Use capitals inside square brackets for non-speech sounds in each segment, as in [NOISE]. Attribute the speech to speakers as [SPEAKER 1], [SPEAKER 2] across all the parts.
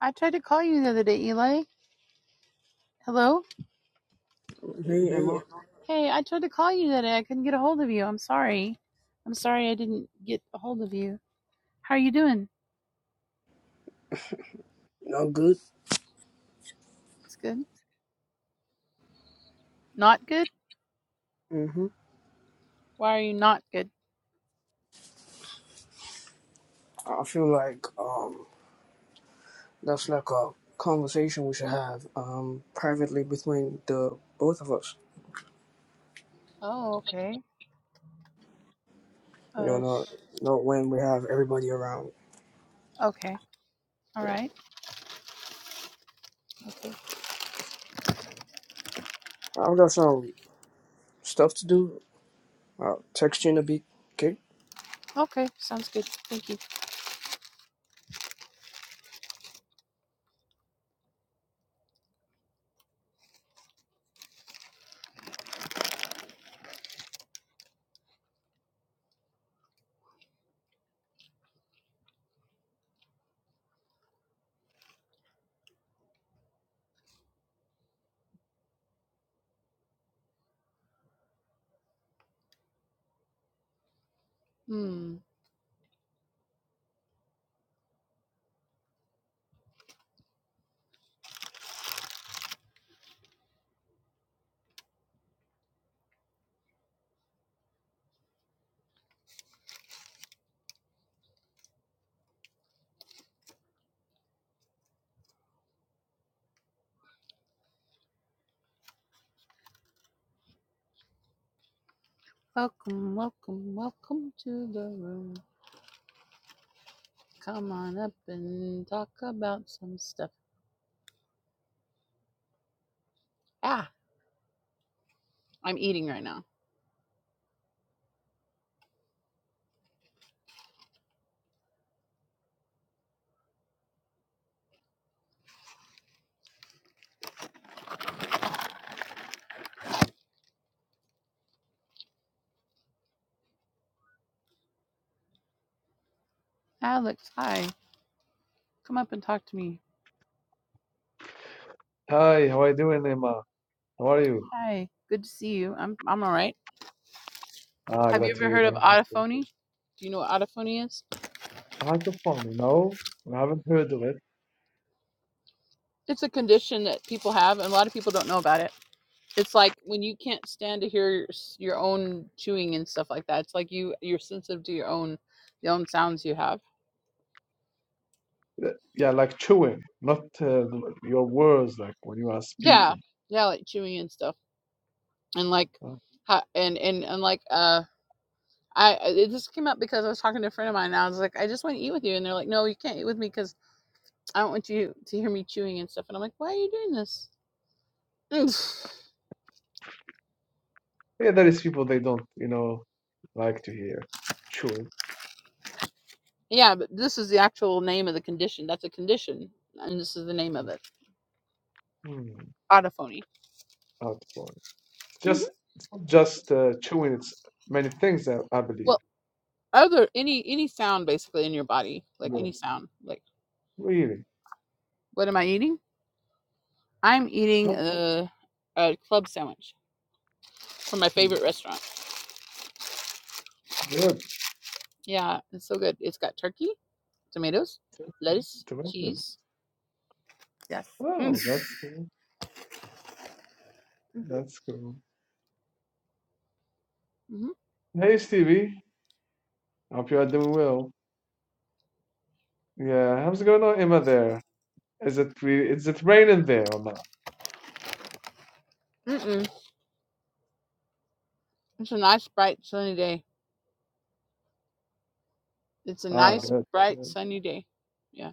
[SPEAKER 1] I tried to call you the other day, Eli. Hello?
[SPEAKER 2] Hey,
[SPEAKER 1] Yeah.
[SPEAKER 2] Emma.
[SPEAKER 1] Hey, I tried to call you the other day. I couldn't get a hold of you. I'm sorry. I'm sorry I didn't get a hold of you. How are you doing?
[SPEAKER 2] I'm good.
[SPEAKER 1] It's good. Not good?
[SPEAKER 2] hmm
[SPEAKER 1] Why are you not good?
[SPEAKER 2] I feel like um, that's like a conversation we should have um, privately between the both of us.
[SPEAKER 1] Oh, okay.
[SPEAKER 2] You know,
[SPEAKER 1] Uh,
[SPEAKER 2] not
[SPEAKER 1] sh-
[SPEAKER 2] not when we have everybody around.
[SPEAKER 1] okay. All
[SPEAKER 2] Yeah.
[SPEAKER 1] right. Okay.
[SPEAKER 2] I've got some stuff to do. I'll text you in a bit. Okay.
[SPEAKER 1] Okay. Sounds good. Thank you. Hmm. Welcome, welcome, welcome to the room. Come on up and talk about some stuff. Ah, I'm eating right now. Alex, hi. Come up and talk to me.
[SPEAKER 3] Hi, how are you doing, Emma? How are you?
[SPEAKER 1] Hi, good to see you. I'm I'm all right.
[SPEAKER 3] Ah,
[SPEAKER 1] Have
[SPEAKER 3] glad
[SPEAKER 1] you
[SPEAKER 3] to
[SPEAKER 1] ever
[SPEAKER 3] hear
[SPEAKER 1] heard
[SPEAKER 3] that.
[SPEAKER 1] of
[SPEAKER 3] Glad
[SPEAKER 1] are
[SPEAKER 3] to hear
[SPEAKER 1] autophony? Do you know what autophony is?
[SPEAKER 3] that. I no? I haven't heard of it.
[SPEAKER 1] It's a condition that people have, and a lot of people don't know about it. It's like when you can't stand to hear your, s- your own chewing and stuff like that. It's like you you're sensitive to your own the own sounds you have.
[SPEAKER 3] Uh, Yeah, like chewing, not uh, the- your words, like when you are
[SPEAKER 1] Yeah,
[SPEAKER 3] speaking.
[SPEAKER 1] yeah, like chewing and stuff, and like,
[SPEAKER 3] Uh,
[SPEAKER 1] how, and and and like uh. I I- it just came up because I was talking to a friend of mine and I was like, I just want to eat with you, and they're like, No, you can't eat with me because I don't want you to hear me chewing and stuff. And I'm like, Why are you doing this? [LAUGHS]
[SPEAKER 3] yeah, there is people they don't, you know, like to hear chewing.
[SPEAKER 1] Yeah, but this is the actual name of the condition. That's a condition, and this is the name of
[SPEAKER 3] But,
[SPEAKER 1] it.
[SPEAKER 3] Hmm,
[SPEAKER 1] Autophony.
[SPEAKER 3] out It's
[SPEAKER 1] hmm
[SPEAKER 3] just, not just uh, chewing. It's many things, I, I believe.
[SPEAKER 1] Well, other any any sound basically in your body, like
[SPEAKER 3] Yeah,
[SPEAKER 1] any sound. Like,
[SPEAKER 3] really.
[SPEAKER 1] what am I eating? I'm eating
[SPEAKER 3] Not-
[SPEAKER 1] a a club sandwich from my
[SPEAKER 3] hmm,
[SPEAKER 1] favorite restaurant.
[SPEAKER 3] Good,
[SPEAKER 1] Yeah, it's so good. It's got turkey, tomatoes, lettuce,
[SPEAKER 3] tremendous.
[SPEAKER 1] cheese. Mm.
[SPEAKER 3] Oh, that's cool. That's cool.
[SPEAKER 1] Mhm.
[SPEAKER 3] Hey, Stevie, hope you are doing well. Yeah, how's it going on, Emma there? Is it re is it raining there or not?
[SPEAKER 1] Mm-mm. It's a nice bright sunny day. It's a
[SPEAKER 3] Ah,
[SPEAKER 1] nice
[SPEAKER 3] good.
[SPEAKER 1] bright
[SPEAKER 3] good.
[SPEAKER 1] sunny day. Yeah,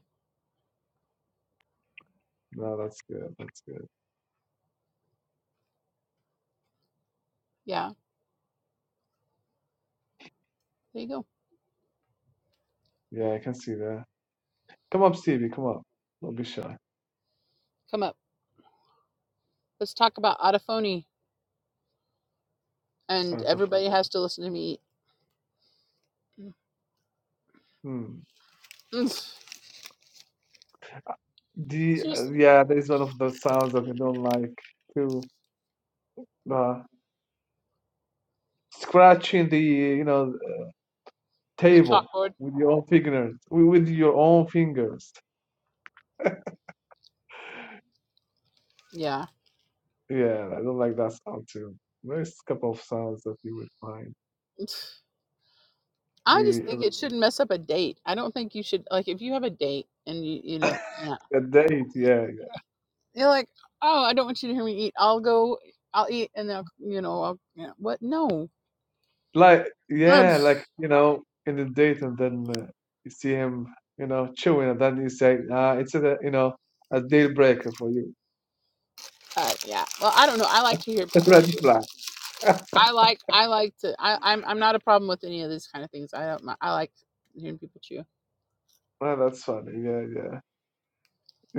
[SPEAKER 3] No, that's good. That's good.
[SPEAKER 1] yeah. There you go.
[SPEAKER 3] Yeah, I can see that. Come up, Stevie, come up. Don't be shy.
[SPEAKER 1] Come up. Let's talk about autophony. and
[SPEAKER 3] Out of
[SPEAKER 1] everybody has to listen to me.
[SPEAKER 3] hmm.
[SPEAKER 1] [LAUGHS]
[SPEAKER 3] The uh,
[SPEAKER 1] Seriously,
[SPEAKER 3] yeah, that is one of the sounds that I don't like too. Uh, scratching the you know
[SPEAKER 1] the
[SPEAKER 3] table
[SPEAKER 1] chalkboard.
[SPEAKER 3] with your own fingers with with your own fingers.
[SPEAKER 1] Yeah,
[SPEAKER 3] Yeah, I don't like that sound too. There's a couple of sounds that you would find
[SPEAKER 1] [LAUGHS] I just
[SPEAKER 3] really
[SPEAKER 1] think it shouldn't mess up a date. I don't think you should like if you have a date and you you
[SPEAKER 3] [COUGHS] uh, [LAUGHS]
[SPEAKER 1] know yeah
[SPEAKER 3] that date. Yeah,
[SPEAKER 1] you're like oh I don't want you to hear me eat. I'll go. I'll eat and then I'll, you know I'll yeah. what no.
[SPEAKER 3] Like,
[SPEAKER 1] Ugh.
[SPEAKER 3] yeah,
[SPEAKER 1] [LAUGHS]
[SPEAKER 3] like, you know, in the date, and then uh, you see him, you know, chewing, and then you say, ah, it's a, you know, a deal breaker for you.
[SPEAKER 1] Uh, yeah. Well, I don't know. I like to hear
[SPEAKER 3] [LAUGHS]
[SPEAKER 1] people.
[SPEAKER 3] Red flag. [LAUGHS]
[SPEAKER 1] I like. I like to. I, I'm. I'm not a problem with any of these kind of things. I don't. I like hearing people chew.
[SPEAKER 3] Well, that's funny. Yeah, yeah.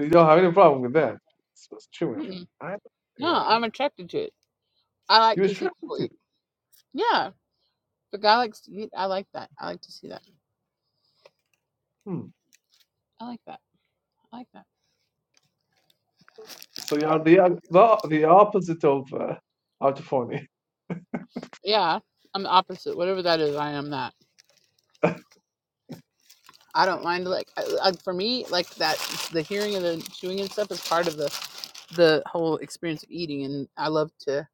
[SPEAKER 3] You don't have any problem with that. It's, just chewing.
[SPEAKER 1] Mm-mm.
[SPEAKER 3] I,
[SPEAKER 1] No,
[SPEAKER 3] yeah.
[SPEAKER 1] I'm attracted to it. I like
[SPEAKER 3] You
[SPEAKER 1] to see
[SPEAKER 3] restrict it
[SPEAKER 1] people
[SPEAKER 3] too.
[SPEAKER 1] eat. Yeah. But God likes to eat. I like that. I like to see that.
[SPEAKER 3] Hmm.
[SPEAKER 1] I like that. I like that.
[SPEAKER 3] So you are the, oth- the, the opposite of uh, autophony. [LAUGHS]
[SPEAKER 1] Yeah, I'm the opposite. Whatever that is, I am that. I don't mind like I, I, for me like that the hearing and the chewing and stuff is part of the the whole experience of eating, and I love to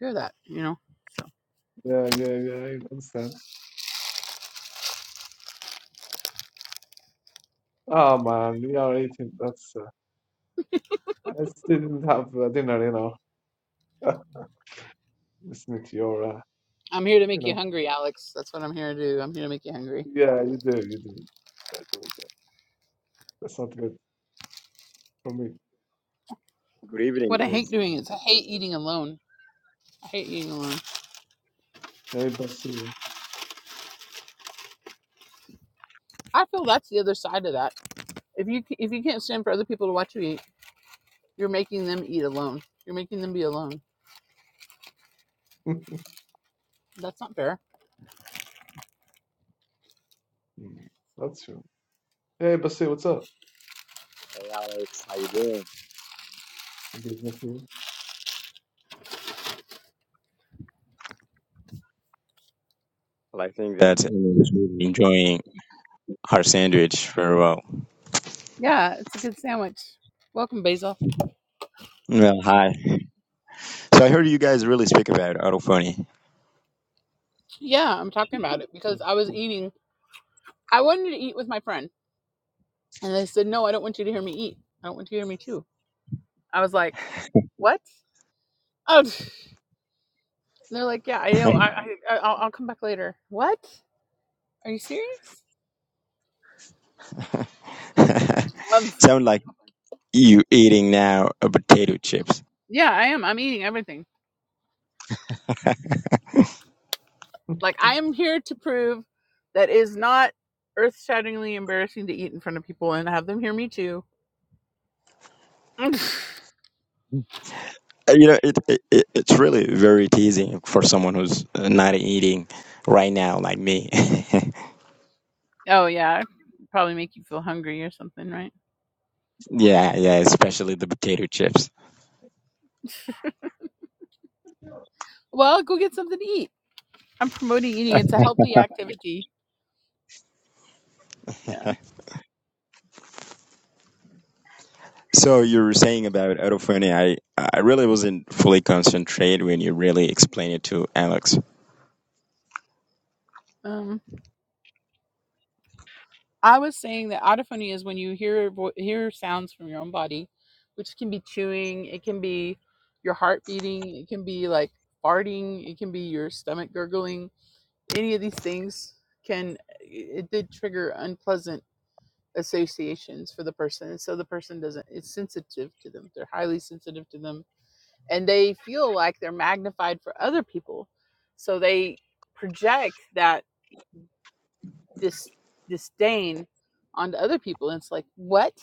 [SPEAKER 1] hear that. You know,
[SPEAKER 3] Yeah, yeah, yeah. I understand. Oh man, we are eating. That's uh, I still didn't have uh, dinner, you know, [LAUGHS] listening to your, uh,
[SPEAKER 1] I'm here to
[SPEAKER 3] you
[SPEAKER 1] make you
[SPEAKER 3] know.
[SPEAKER 1] hungry, Alex. That's what I'm here to do. I'm here to make you hungry.
[SPEAKER 3] Yeah, you do, you do. That's not good for me.
[SPEAKER 4] Good evening,
[SPEAKER 1] What I
[SPEAKER 3] Mm.
[SPEAKER 1] hate
[SPEAKER 4] guys.
[SPEAKER 1] doing is I hate eating alone. I hate eating alone.
[SPEAKER 3] Hey, Basil.
[SPEAKER 1] I feel that's the other side of that. If you if you can't stand for other people to watch you eat, you're making them eat alone. You're making them be alone.
[SPEAKER 3] [LAUGHS]
[SPEAKER 1] That's not fair
[SPEAKER 3] Mm, That's true. Hey, Basil, what's up?
[SPEAKER 4] Hey, Alex, how you doing?
[SPEAKER 3] Maybe it's not you.
[SPEAKER 4] Well, I think that Emily is really enjoying her sandwich very well.
[SPEAKER 1] Yeah, it's a good sandwich. Welcome, Basil.
[SPEAKER 4] Well, hi. So I heard you guys really speak about autophony.
[SPEAKER 1] Yeah, I'm talking about it because
[SPEAKER 3] Mm.
[SPEAKER 1] I was eating. I wanted to eat with my friend, and they said, "No, I don't want you to hear me eat. I don't want you to hear me chew." I was like, "What?" Oh, [LAUGHS] pff. and they're like, "Yeah, I know. I, I, I- I'll, I'll come back later." What? Are you serious?
[SPEAKER 4] [LAUGHS]
[SPEAKER 1] Um,
[SPEAKER 4] Sound like you eating now a potato chips.
[SPEAKER 1] yeah, I am. I'm eating everything. Like I am here to prove that it is not earth-shatteringly embarrassing to eat in front of people and have them hear me chew. [LAUGHS] oh
[SPEAKER 4] Uh, You know, it, it it- it's really very teasing for someone who's uh, not eating right now, like me. [LAUGHS]
[SPEAKER 1] yeah, probably make you feel hungry or something, right?
[SPEAKER 4] yeah, yeah, especially the potato chips.
[SPEAKER 1] Well, go get something to eat. I'm promoting eating. It's a healthy activity. Yeah.
[SPEAKER 4] So you were saying about autophony. I I really wasn't fully concentrated when you really explained it to Alex.
[SPEAKER 1] Um, I was saying that autophony is when you hear vo- hear sounds from your own body, which can be chewing, it can be your heart beating, it can be like farting, it can be your stomach gurgling. Any of these things can it it did trigger unpleasant associations for the person, and so the person doesn't. It's sensitive to them. They're highly sensitive to them, and they feel like they're magnified for other people, so they project that dis- disdain onto other people. And it's like, what?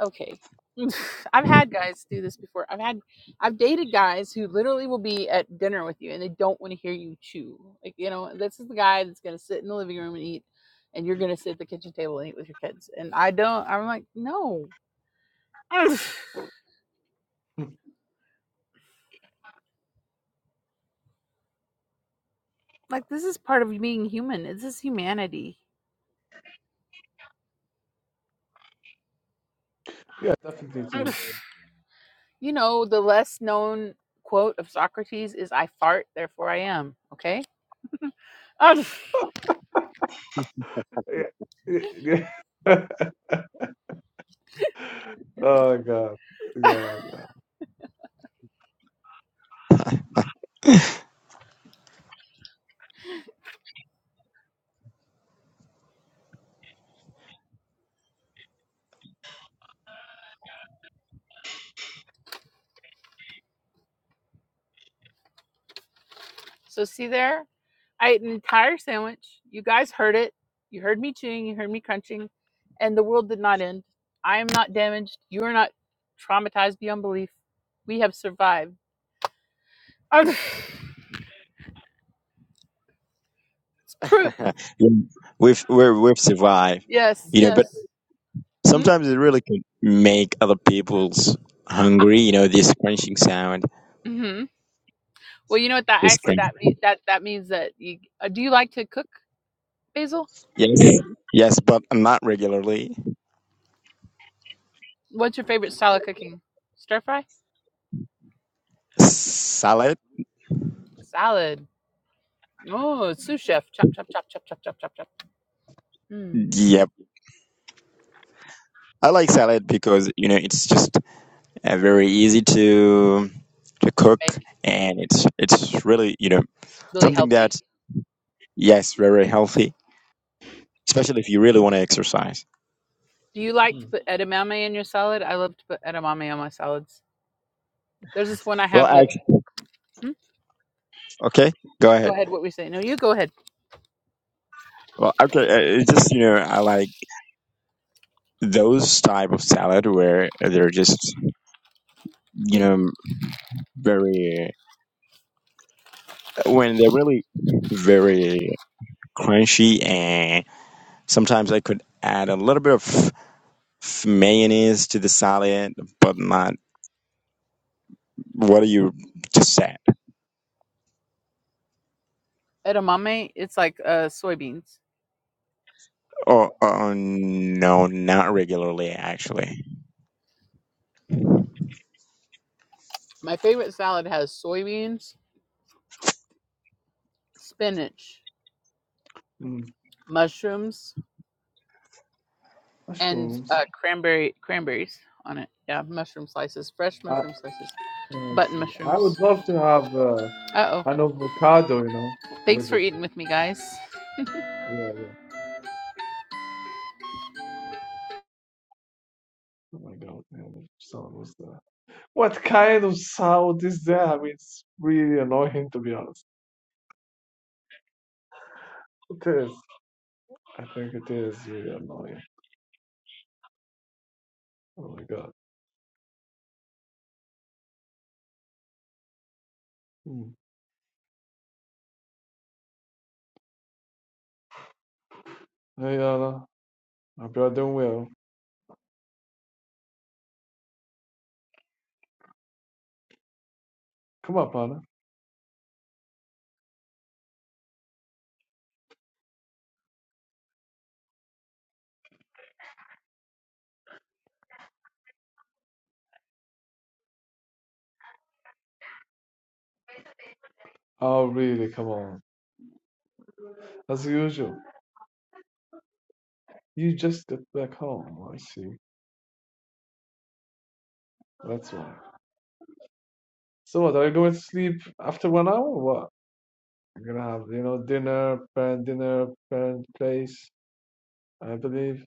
[SPEAKER 1] Okay. [LAUGHS] I've had guys do this before. I've had, I've dated guys who literally will be at dinner with you and they don't want to hear you chew. Like, you know, this is the guy that's going to sit in the living room and eat, and you're going to sit at the kitchen table and eat with your kids. And I don't, I'm like, no. [SIGHS] [LAUGHS]
[SPEAKER 3] [LAUGHS]
[SPEAKER 1] like, this is part of being human. This is humanity. [SIGHS]
[SPEAKER 3] Yeah, definitely it
[SPEAKER 1] [LAUGHS]
[SPEAKER 3] is.
[SPEAKER 1] you know, the less known quote of Socrates is I fart, therefore I am. Okay. [LAUGHS] I
[SPEAKER 3] Yeah, yeah. yeah. [LAUGHS] oh, God. Yeah, yeah.
[SPEAKER 1] So see there, I ate an entire sandwich. You guys heard it. You heard me chewing. You heard me crunching, and the world did not end. I am not damaged. You are not traumatized beyond belief. We have survived. [LAUGHS] it's proof.
[SPEAKER 4] [LAUGHS] yeah, We've we're, we've survived,
[SPEAKER 1] Yes.
[SPEAKER 4] you know. But
[SPEAKER 1] Yes. Hmm?
[SPEAKER 4] sometimes it really can make other people's hungry. You know, this crunching sound,
[SPEAKER 1] Mm-hmm. Well, you know what that I
[SPEAKER 4] this
[SPEAKER 1] say
[SPEAKER 4] crunch.
[SPEAKER 1] that mean, that that means that you uh, do you like to cook, Basil?
[SPEAKER 4] Yes, [LAUGHS] yes, but not regularly.
[SPEAKER 1] What's your favorite style of cooking? Stir fry,
[SPEAKER 4] Salad.
[SPEAKER 1] salad. Oh, sous chef. Chop, chop, chop, chop, chop, chop, chop, chop. Mm.
[SPEAKER 4] Yep, I like salad because you know it's just uh, very easy to to cook,
[SPEAKER 1] Make.
[SPEAKER 4] and
[SPEAKER 1] Yeah.
[SPEAKER 4] it's it's really you know
[SPEAKER 1] It's really
[SPEAKER 4] something that
[SPEAKER 1] healthy.
[SPEAKER 4] yes, very
[SPEAKER 1] Yes.
[SPEAKER 4] healthy, especially if you really want to exercise.
[SPEAKER 1] Do you like to
[SPEAKER 3] Mm.
[SPEAKER 1] put edamame in your salad? I love to put edamame on my salads. There's this one I
[SPEAKER 4] Well,
[SPEAKER 1] have
[SPEAKER 4] I,
[SPEAKER 1] that. Hmm?
[SPEAKER 4] okay, go
[SPEAKER 1] Go
[SPEAKER 4] ahead.
[SPEAKER 1] ahead. What we say? No, you go ahead.
[SPEAKER 4] Well, okay, uh, it's just you know I like those type of salad where they're just you know very when they're really very crunchy and sometimes I could add a little bit of f- mayonnaise to the salad but not what do you just say?
[SPEAKER 1] Edamame. It's like uh, soybeans.
[SPEAKER 4] Oh, uh, no, not regularly, actually.
[SPEAKER 1] My favorite salad has soybeans, spinach,
[SPEAKER 3] Mm.
[SPEAKER 1] mushrooms, and
[SPEAKER 3] Mushrooms.
[SPEAKER 1] uh, cranberry cranberries on it. Yeah, mushroom slices, fresh
[SPEAKER 3] I,
[SPEAKER 1] mushroom slices,
[SPEAKER 3] I
[SPEAKER 1] button
[SPEAKER 3] see. I
[SPEAKER 1] mushrooms.
[SPEAKER 3] would love to have uh,
[SPEAKER 1] Uh oh.
[SPEAKER 3] an avocado, you know,
[SPEAKER 1] Thanks
[SPEAKER 3] with
[SPEAKER 1] for
[SPEAKER 3] it.
[SPEAKER 1] eating with me, guys.
[SPEAKER 3] Yeah, yeah. Oh, my God. Yeah, someone was there. What kind of sound is that? It's really annoying, to be honest. It is. I think it is really annoying. Oh my god. Hmm. Hey, Anna. Hope you're doing well. Come up, Anna. Oh, really? Come on. As usual. You just got back home. I see. That's why. So what? Are you going to sleep after one hour or what? You're gonna have, you know, dinner, parent dinner, parent place, I believe.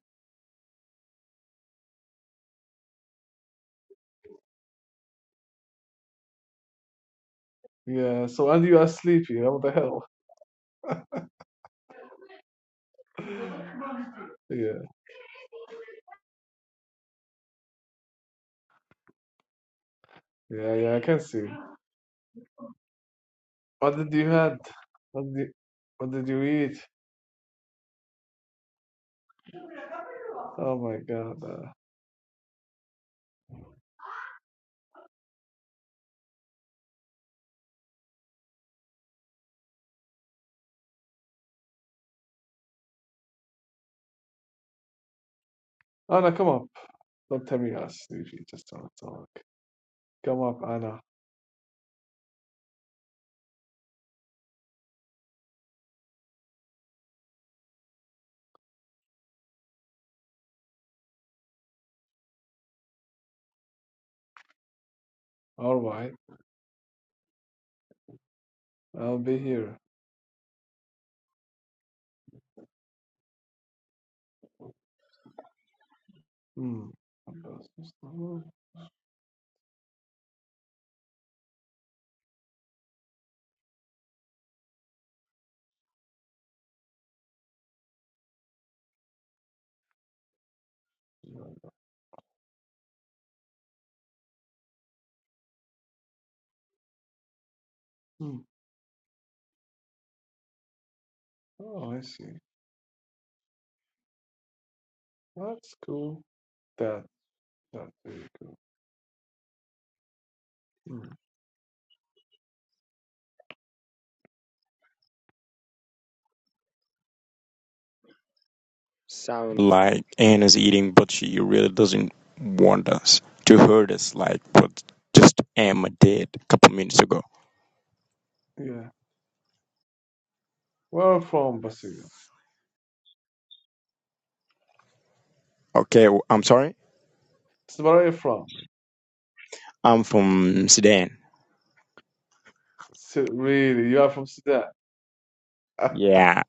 [SPEAKER 3] Yeah. So, and you are sleepy. What the hell? [LAUGHS] Yeah. Yeah, yeah, I can see. What did you had? What did you, what did you eat? Oh my God. Uh, Anna, come up. Don't tell me us, Suji. Just don't talk. Come up, Anna. All right. I'll be here. Hmm. Hmm. Oh, I see. That's cool. That that's really cool. Hmm.
[SPEAKER 4] Sound Like, Anna's eating, but she really doesn't want us to hurt us, like what just Emma did a couple minutes ago.
[SPEAKER 3] Yeah. Where are you from, Basil?
[SPEAKER 4] Okay, w- I'm sorry?
[SPEAKER 3] So Where are you from?
[SPEAKER 4] I'm from Sudan.
[SPEAKER 3] really? You are from Sudan?
[SPEAKER 4] Yeah,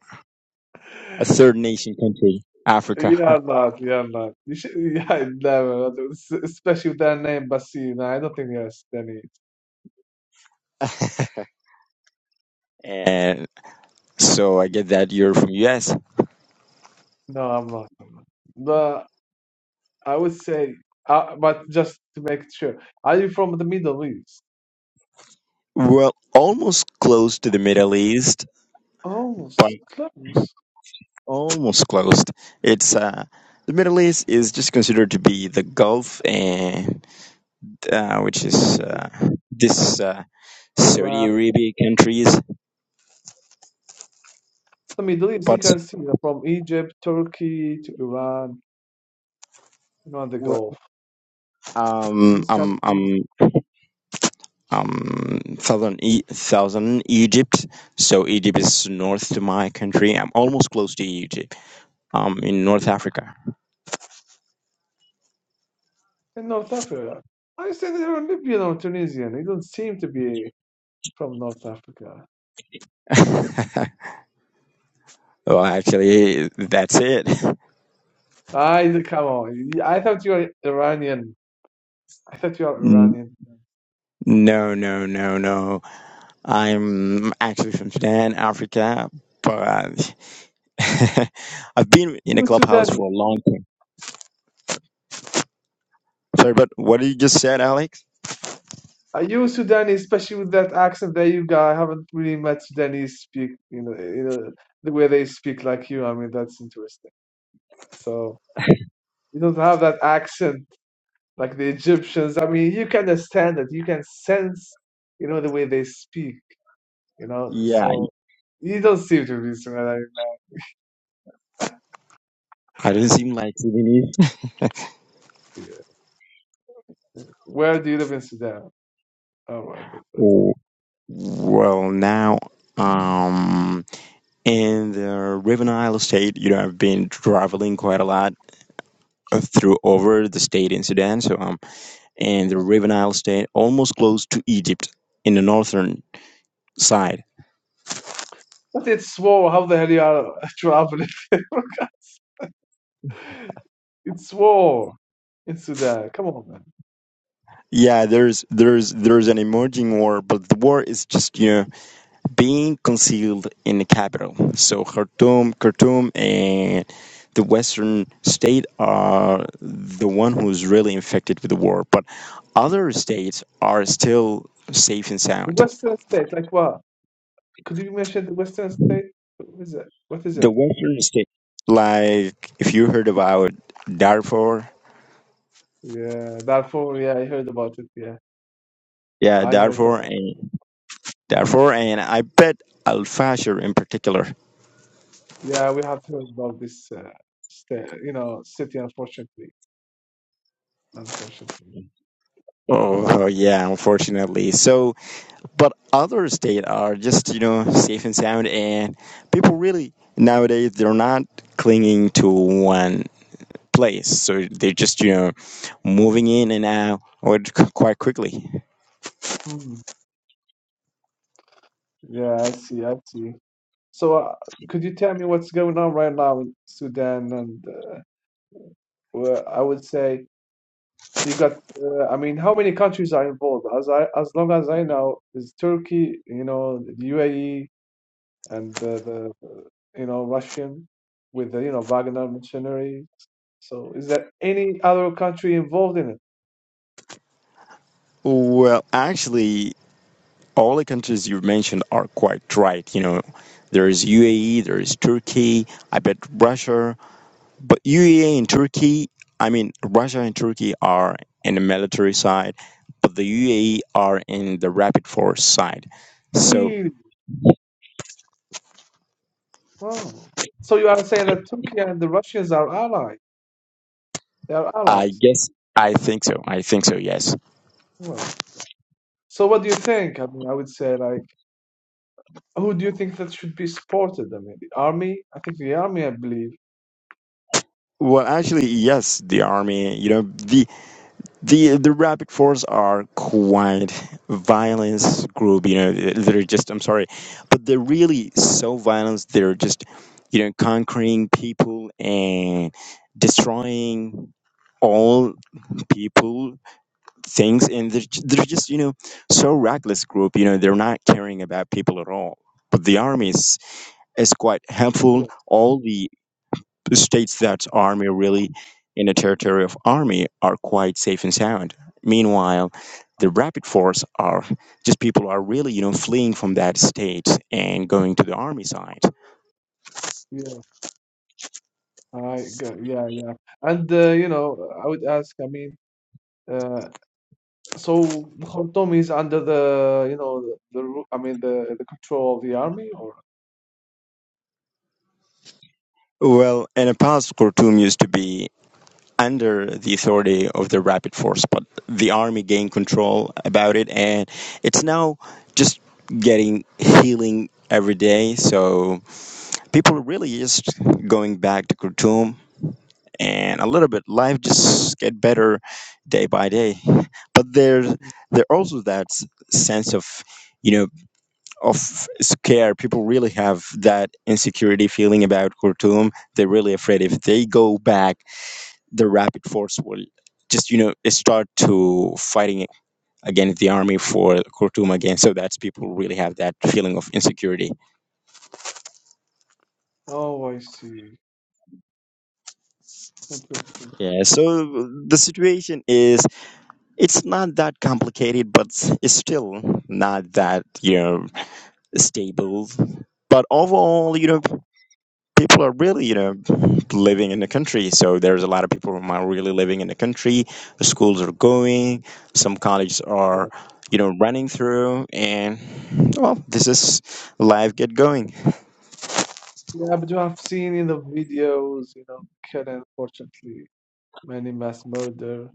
[SPEAKER 4] a
[SPEAKER 3] [LAUGHS]
[SPEAKER 4] third nation country, Africa.
[SPEAKER 3] Yeah, not, yeah, not. You should, [LAUGHS] yeah, never. Especially with that name, Basim. No, I don't think there's any.
[SPEAKER 4] [LAUGHS] and so I get that you're from US.
[SPEAKER 3] No, I'm not. But I would say, uh, but just to make sure, are you from the Middle East?
[SPEAKER 4] Well, almost close to the Middle East,
[SPEAKER 3] Oh, s- close.
[SPEAKER 4] Almost closed. It's uh, the Middle East is just considered to be the Gulf, and uh, which is
[SPEAKER 3] Egypt,
[SPEAKER 4] uh, this uh, Saudi
[SPEAKER 3] Iran.
[SPEAKER 4] Arabia countries,
[SPEAKER 3] The Middle East, you
[SPEAKER 4] but
[SPEAKER 3] can see that from Egypt, Turkey to Iran, you know, and the
[SPEAKER 4] wh-
[SPEAKER 3] Gulf.
[SPEAKER 4] um,
[SPEAKER 3] These
[SPEAKER 4] um,
[SPEAKER 3] countries
[SPEAKER 4] um, um, southern e- southern Egypt. So Egypt is north to my country. I'm almost close to Egypt. Um, in North Africa.
[SPEAKER 3] in North Africa. I say they're Libyan or Tunisian. They don't seem to be from North Africa.
[SPEAKER 4] [LAUGHS] well, actually, that's it.
[SPEAKER 3] I come on. I thought you were Iranian. I thought you are
[SPEAKER 4] N-
[SPEAKER 3] Iranian.
[SPEAKER 4] No, no, no, no. I'm actually from Sudan, Africa, but [LAUGHS] I've been in a
[SPEAKER 3] You
[SPEAKER 4] clubhouse
[SPEAKER 3] Sudanese.
[SPEAKER 4] for a long time. Sorry, but what you just said, Alex?
[SPEAKER 3] Are you Sudanese, especially with that accent that you got? I haven't really met Sudanese speak, you know, you know, the way they speak like you. I mean, that's interesting. So you don't have that accent like the Egyptians. I mean, you can understand it. You can sense, you know, the way they speak, you know.
[SPEAKER 4] Yeah,
[SPEAKER 3] So you don't seem to be Sudanese.
[SPEAKER 4] I didn't seem like Sudanese.
[SPEAKER 3] Where do you live in Sudan? All right.
[SPEAKER 4] Oh, well, now, um, in the Riven Isle state, you know, I've been traveling quite a lot uh, through over the state in Sudan. So, um, in the Riven Isle state, almost close to Egypt in the northern side
[SPEAKER 3] But it's war. How the hell you are traveling? [LAUGHS] it's war in Sudan. Come on, man.
[SPEAKER 4] Yeah, there's there's there's an emerging war, but the war is just you know being concealed in the capital. So Khartoum, Khartoum, and the Western state are the one who's really infected with the war, but other states are still safe and
[SPEAKER 3] The
[SPEAKER 4] sound.
[SPEAKER 3] Western state, like what? Could you mention the Western state? What is it? What is
[SPEAKER 4] The
[SPEAKER 3] it?
[SPEAKER 4] Western state, like if you heard about Darfur,
[SPEAKER 3] Yeah, Darfur. Yeah, I heard about it. Yeah,
[SPEAKER 4] yeah,
[SPEAKER 3] I heard
[SPEAKER 4] Darfur
[SPEAKER 3] about.
[SPEAKER 4] and Darfur, and I bet Al Fashir in particular.
[SPEAKER 3] Yeah, we have heard about this uh, state. You know, city. Unfortunately, unfortunately.
[SPEAKER 4] Oh yeah, unfortunately. So but other states are just you know safe and sound and people really nowadays they're not clinging to one place so they're just you know moving in and out or quite quickly
[SPEAKER 3] Hmm. Yeah, I see. I see. So, uh, could you tell me what's going on right now in Sudan? And uh, well, I would say. You got, uh, I mean, how many countries are involved? As I, as long as I know, is Turkey, you know, the UAE, and the, the uh, you know Russian with the you know Wagner mercenary. So, is there any other country involved in it?
[SPEAKER 4] well actually all the countries you mentioned are quite right you know there's uae there's turkey i bet russia But UAE and Turkey, I mean, Russia and Turkey are in the military side, but the UAE are in the rapid force side. So
[SPEAKER 3] Really? Wow. So you are saying that Turkey and the Russians are allies? They are
[SPEAKER 4] I
[SPEAKER 3] allies.
[SPEAKER 4] guess I think so. I think so. Yes.
[SPEAKER 3] Wow. So what do you think? I mean, I would say like, who do you think that should be supported? I mean, the army? I think the army, I believe.
[SPEAKER 4] Well, actually, yes. The army, you know, the The the Rapid Force are quite violence group, you know. They're just I'm sorry, but they're really so violent. They're just you know conquering people and destroying all people things and they're, ju- they're just you know so reckless group you know they're not caring about people at all but the army is, is quite helpful
[SPEAKER 3] Yes.
[SPEAKER 4] all the states that army really in the territory of army are quite safe and sound. Meanwhile, the rapid force are just people are really you know fleeing from that state and going to the army side.
[SPEAKER 3] Yeah. I go, yeah, yeah. And uh, you know, I would ask, I mean, uh, so the Khartoum is under the, you know, the, the ru- I mean, the the control of the army, or?
[SPEAKER 4] Well, in the past, Khartoum used to be under the authority of the rapid force, but the army gained control about it, and it's now just getting healing every day. So people are really just going back to Khartoum and a little bit life just get better day by day but there's there also that s- sense of you know of scare people really have that insecurity feeling about khartoum they're really afraid if they go back the rapid force will just you know start to fighting against the army for khartoum again so that's people really have that feeling of insecurity
[SPEAKER 3] Oh, I see. Interesting.
[SPEAKER 4] yeah so the situation is It's not that complicated, but it's still not that you know stable. But overall, you know, people are really you know living in the country. So there's a lot of people who are really living in the country. The schools are going. Some colleges
[SPEAKER 3] Yeah,
[SPEAKER 4] are you know running through, and well, this is life. Get going.
[SPEAKER 3] yeah. But you have seen in the videos, you know, killed unfortunately, many mass murder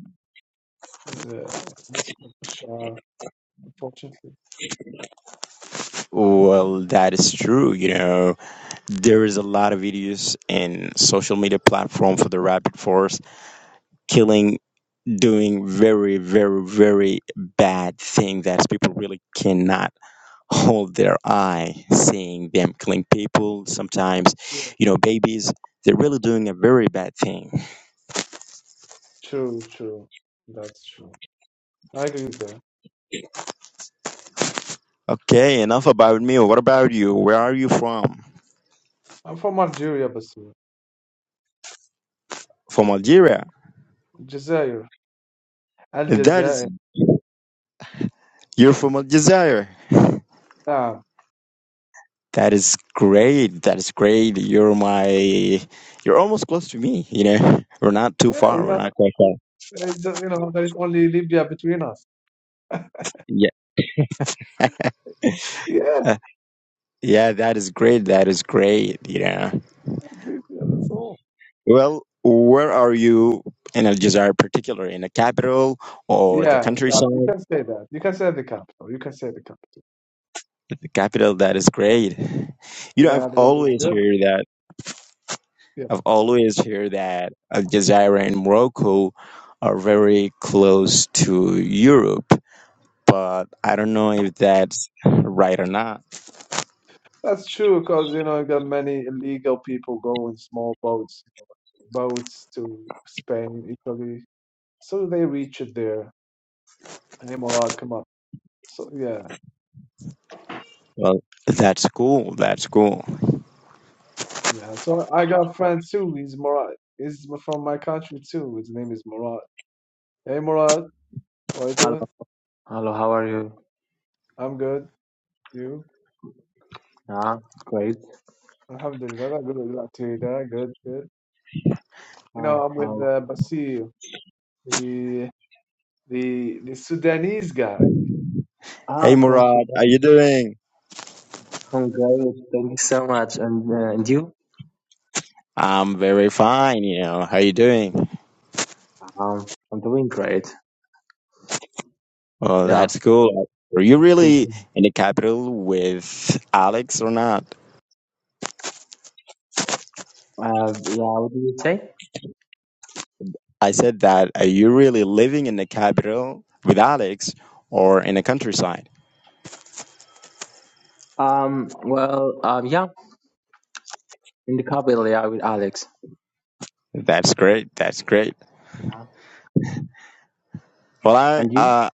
[SPEAKER 3] in the it's not Bashar, unfortunately.
[SPEAKER 4] Well, that is true. You know, there is a lot of videos in social media platform for the rapid force killing doing very, very, very bad things that people really cannot hold their eye seeing them killing people. Sometimes,
[SPEAKER 3] Yeah.
[SPEAKER 4] you know, babies, they're really doing a very bad thing.
[SPEAKER 3] True, true. That's true. I agree there.
[SPEAKER 4] Okay, enough about me. What about you? Where are you from?
[SPEAKER 3] I'm from Algeria, Basir.
[SPEAKER 4] From Algeria.
[SPEAKER 3] Jazair. Al
[SPEAKER 4] That is,
[SPEAKER 3] Jazair.
[SPEAKER 4] you're from Algeria. That is great. That is great. You're my, you're almost close to me, you know. We're not too
[SPEAKER 3] Yeah,
[SPEAKER 4] far.
[SPEAKER 3] you
[SPEAKER 4] We're
[SPEAKER 3] know,
[SPEAKER 4] not quite far.
[SPEAKER 3] it's just, you know, there is only Libya between us.
[SPEAKER 4] Yeah.
[SPEAKER 3] Yeah,
[SPEAKER 4] Yeah, that is great. That is great. Yeah.
[SPEAKER 3] Libya, that's all.
[SPEAKER 4] Well, where are you in Al Jazeera, particular in the capital or the
[SPEAKER 3] Yeah, the cap. You
[SPEAKER 4] countryside?
[SPEAKER 3] can say that. You can say the capital. You can say the capital.
[SPEAKER 4] The capital. That is great. You know, I've
[SPEAKER 3] Yeah, the weather is
[SPEAKER 4] always
[SPEAKER 3] good.
[SPEAKER 4] heard that.
[SPEAKER 3] Yeah,
[SPEAKER 4] I've always heard that Al Jazeera and Morocco are very close to Europe, but I don't know if that's right or not.
[SPEAKER 3] that's true because you know you got many illegal people go in small boats, boats to Spain, Italy, so they reach it there. Hey, Morad, come up. So yeah,
[SPEAKER 4] Well, that's cool. That's cool.
[SPEAKER 3] yeah. So I got friend too. He's Morad. He's from my country too. His name is Morad. Hey, Morad, how are you
[SPEAKER 5] Hello,
[SPEAKER 3] doing?
[SPEAKER 5] hello. How are you?
[SPEAKER 3] I'm good. You?
[SPEAKER 5] Ah, great.
[SPEAKER 3] Alhamdulillah, good good, good, good. good. You know,
[SPEAKER 5] Um,
[SPEAKER 3] I'm with
[SPEAKER 5] um,
[SPEAKER 3] uh, Basir, the the the Sudanese guy.
[SPEAKER 5] ah,
[SPEAKER 4] Hey,
[SPEAKER 5] from
[SPEAKER 4] Murad, how
[SPEAKER 5] Sudan.
[SPEAKER 4] you doing?
[SPEAKER 5] I'm great. Thank you so much. And uh, and you?
[SPEAKER 4] I'm very fine. You know, how you doing?
[SPEAKER 5] Um, I'm doing great.
[SPEAKER 4] Oh,
[SPEAKER 5] Yeah,
[SPEAKER 4] that's cool. Were you
[SPEAKER 5] good.
[SPEAKER 4] really in the capital with Alex or not?
[SPEAKER 5] Uh, yeah. What do you say?
[SPEAKER 4] I said that are you really living in the capital with Alex or in the countryside?
[SPEAKER 5] Um. Well. Um. Yeah. In the capital. Yeah, with Alex.
[SPEAKER 4] That's great. That's great.
[SPEAKER 5] Yeah.
[SPEAKER 4] Well, I
[SPEAKER 5] And you?
[SPEAKER 4] uh,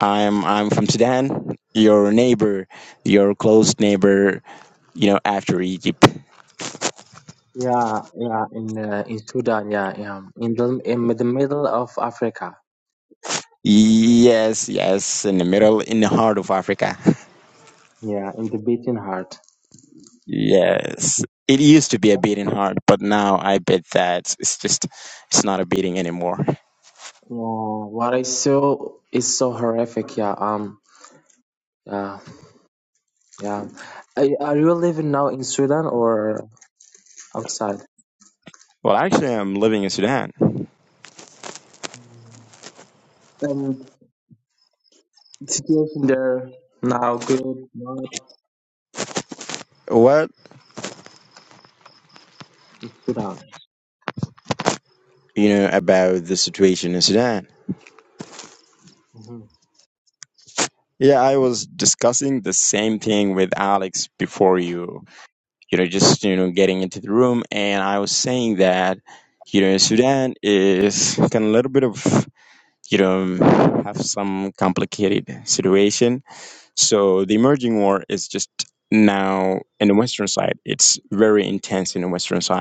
[SPEAKER 4] I'm I'm from Sudan. Your neighbor, your close neighbor, you know, after Egypt.
[SPEAKER 5] Yeah. Yeah. In uh, in Sudan. Yeah. Yeah. In the in the middle of Africa.
[SPEAKER 4] Yes, yes, in the middle, in the heart of Africa.
[SPEAKER 5] Yeah. In the beating heart.
[SPEAKER 4] Yes. It used to be a beating heart, but now I bet that it's just it's not a beating anymore.
[SPEAKER 5] Yeah. What I saw is so horrific. Yeah. Um. Yeah. Yeah. Are, are you living now in Sweden or outside?
[SPEAKER 4] Well, actually, I'm living in Sudan.
[SPEAKER 5] And situation there now good, not
[SPEAKER 4] What
[SPEAKER 5] in Sudan.
[SPEAKER 4] you know about the situation in Sudan?
[SPEAKER 5] Mhm.
[SPEAKER 4] Yeah, I was discussing the same thing with Alex before you. You know, just you know, getting into the room, and I was saying that you know, Sudan is kind of a little bit of you know have some complicated situation. So the emerging war is just now in the Western side. It's very intense in the Western side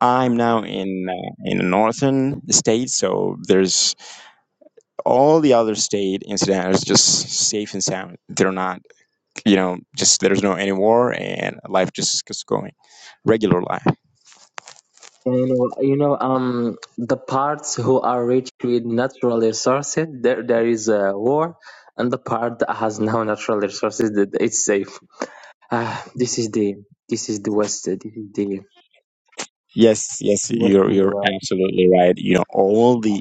[SPEAKER 4] I'm now in uh, in the northern state, so there's all the other state incident is just safe and sound. They're not, you know, just there's no any war and life just keeps going, regular life.
[SPEAKER 5] And you know, you know, um, the parts who are rich with natural resources, there there is a war, and the part that has [LAUGHS] no natural resources, that it's safe. Ah, this is the this is the West. This is the
[SPEAKER 4] Yes, yes,
[SPEAKER 5] the
[SPEAKER 4] you're
[SPEAKER 5] Western
[SPEAKER 4] you're
[SPEAKER 5] world.
[SPEAKER 4] absolutely right. You know, all the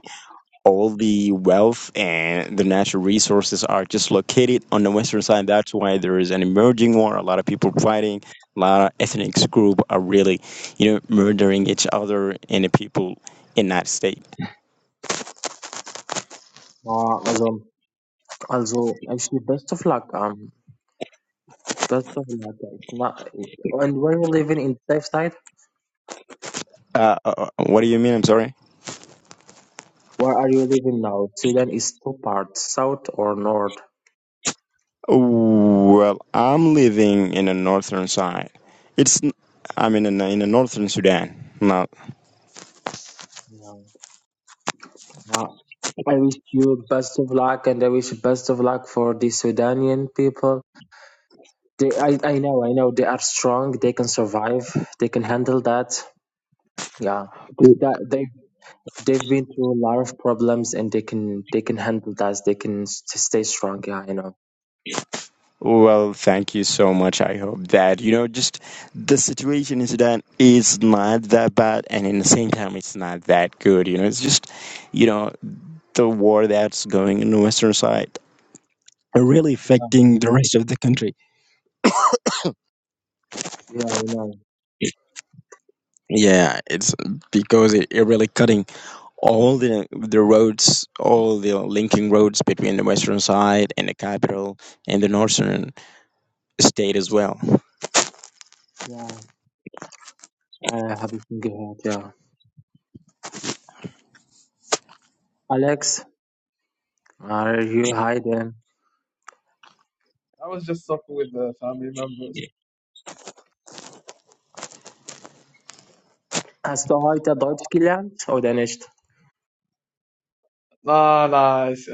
[SPEAKER 4] all the wealth and the natural resources are just located on the western side. That's why there is an emerging war. A lot of people fighting. A lot of ethnic group are really, you know, murdering each other and the people in that state.
[SPEAKER 5] Uh, also, also, actually, best of luck. um. That's something like that. It's not. And when you're living in the safe side,
[SPEAKER 4] Uh, uh, uh, what do you mean? I'm sorry.
[SPEAKER 5] where are you living now? Sudan is two parts, south or north.
[SPEAKER 4] Well, I'm living in the northern side. It's n- I'm in the, in the northern Sudan. Not.
[SPEAKER 5] Yeah. Uh, I wish you best of luck, and I wish best of luck for the Sudanian people. They, I, I know, I know, they are strong. They can survive. They can handle that. Yeah, because that they they've been through a lot of problems, and they can they can handle that. They can s- stay strong. Yeah, I know.
[SPEAKER 4] Well, thank you so much. I hope that, you know, just the situation is Sudan is not that bad, and in the same time, it's not that good. You know, it's just, you know, the war that's going in the Western side are really
[SPEAKER 5] Yeah,
[SPEAKER 4] affecting the rest of the country.
[SPEAKER 5] yeah I know.
[SPEAKER 4] Yeah, it's because it, it really cutting all the the roads, all the linking roads between the western side and the capital and the northern state as well.
[SPEAKER 5] Yeah, I have a single head. Yeah. Alex, are you hiding?
[SPEAKER 3] I was just talking with the family members.
[SPEAKER 5] Hast du heute Deutsch gelernt oder nicht?
[SPEAKER 3] Nah, nah. it's-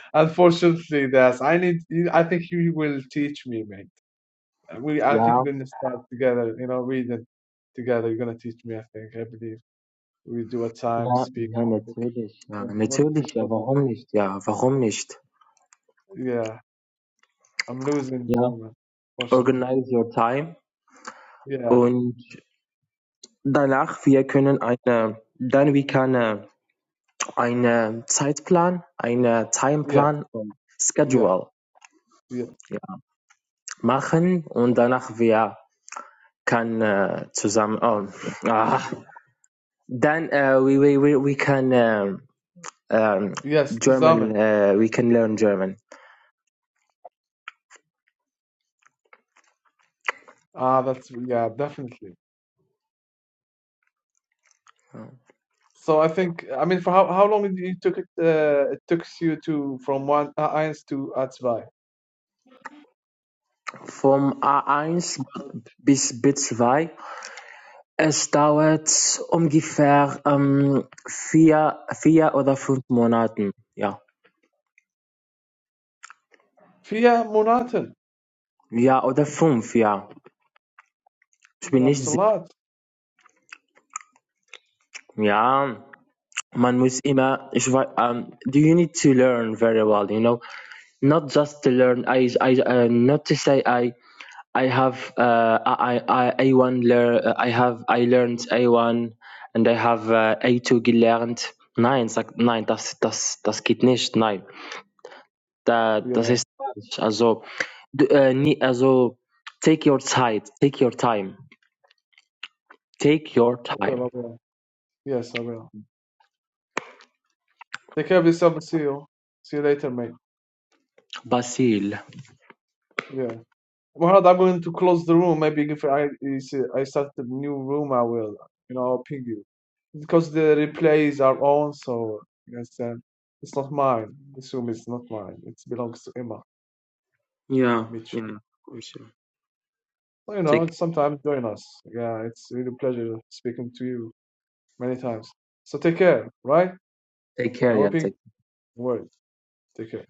[SPEAKER 3] [LAUGHS] Unfortunately, that's I need. I think you will teach me, mate. Uh, We, I think
[SPEAKER 5] Ja,
[SPEAKER 3] we're gonna start together. You know, reading together. You're gonna teach me. I think. I believe we do a time
[SPEAKER 5] ja,
[SPEAKER 3] speak.
[SPEAKER 5] ja,
[SPEAKER 3] a bit of
[SPEAKER 5] natürlich. Ja,
[SPEAKER 3] German. What do you think
[SPEAKER 5] natürlich, ja,
[SPEAKER 3] about that?
[SPEAKER 5] warum nicht? Ja, warum nicht?
[SPEAKER 3] Yeah, I'm losing
[SPEAKER 5] Ja,
[SPEAKER 3] German, fortunately.
[SPEAKER 5] organize your time
[SPEAKER 3] Yeah,
[SPEAKER 5] und danach wir können eine, dann wir können eine Zeitplan, eine
[SPEAKER 3] yeah,
[SPEAKER 5] Timeplan und
[SPEAKER 3] yeah,
[SPEAKER 5] Schedule
[SPEAKER 3] yeah.
[SPEAKER 5] ja, machen und danach wir kann äh, zusammen, oh, ah, dann äh, we, we, we, we can äh, um,
[SPEAKER 3] Yes, to
[SPEAKER 5] German,
[SPEAKER 3] Zamen.
[SPEAKER 5] uh, we can learn German.
[SPEAKER 3] Ah, that's yeah, definitely. So I think I mean, for how how long did you took it? Uh, it took you to from one uh, Ains to Atzvai.
[SPEAKER 5] Vom A1 bis B2 es dauert ungefähr ähm, vier, vier oder fünf Monaten. Ja.
[SPEAKER 3] Via Monaten.
[SPEAKER 5] ja, oder fünf, ja. Ich bin
[SPEAKER 3] That's
[SPEAKER 5] nicht
[SPEAKER 3] a
[SPEAKER 5] sicher.
[SPEAKER 3] lot.
[SPEAKER 5] Ja, man muss immer, ich weiß, um, do you need to learn very well, you know? Not just to learn, I, I, uh, not to say I I have uh, I I I A1 lear I have I learned A1 and I have uh, A2 gelernt. Nein, sagt nein, das das das geht nicht. Nein, da das
[SPEAKER 3] Yeah,
[SPEAKER 5] ist falsch. Also du, äh, nie, also take your time, take your time, take your
[SPEAKER 3] I will. I
[SPEAKER 5] time.
[SPEAKER 3] will. Yes, I will. Take care of yourself. and See you. See you later, mate.
[SPEAKER 5] Basil.
[SPEAKER 3] Yeah. Muhammad, I'm going to close the room. Maybe if I is- I start a new room, I will. You know, I'll ping you because the replays are on. So you understand. It's not mine. This room is not mine. It belongs to Emma.
[SPEAKER 5] Yeah,
[SPEAKER 3] Mitchell.
[SPEAKER 5] yeah, of course.
[SPEAKER 3] So,
[SPEAKER 5] Yeah.
[SPEAKER 3] you know,
[SPEAKER 5] Take
[SPEAKER 3] sometimes join us. Yeah, it's really a pleasure speaking to you many times. So take care, right?
[SPEAKER 5] Take
[SPEAKER 3] I
[SPEAKER 5] care,
[SPEAKER 3] will
[SPEAKER 5] yeah.
[SPEAKER 3] be
[SPEAKER 5] Take.
[SPEAKER 3] word. Take care.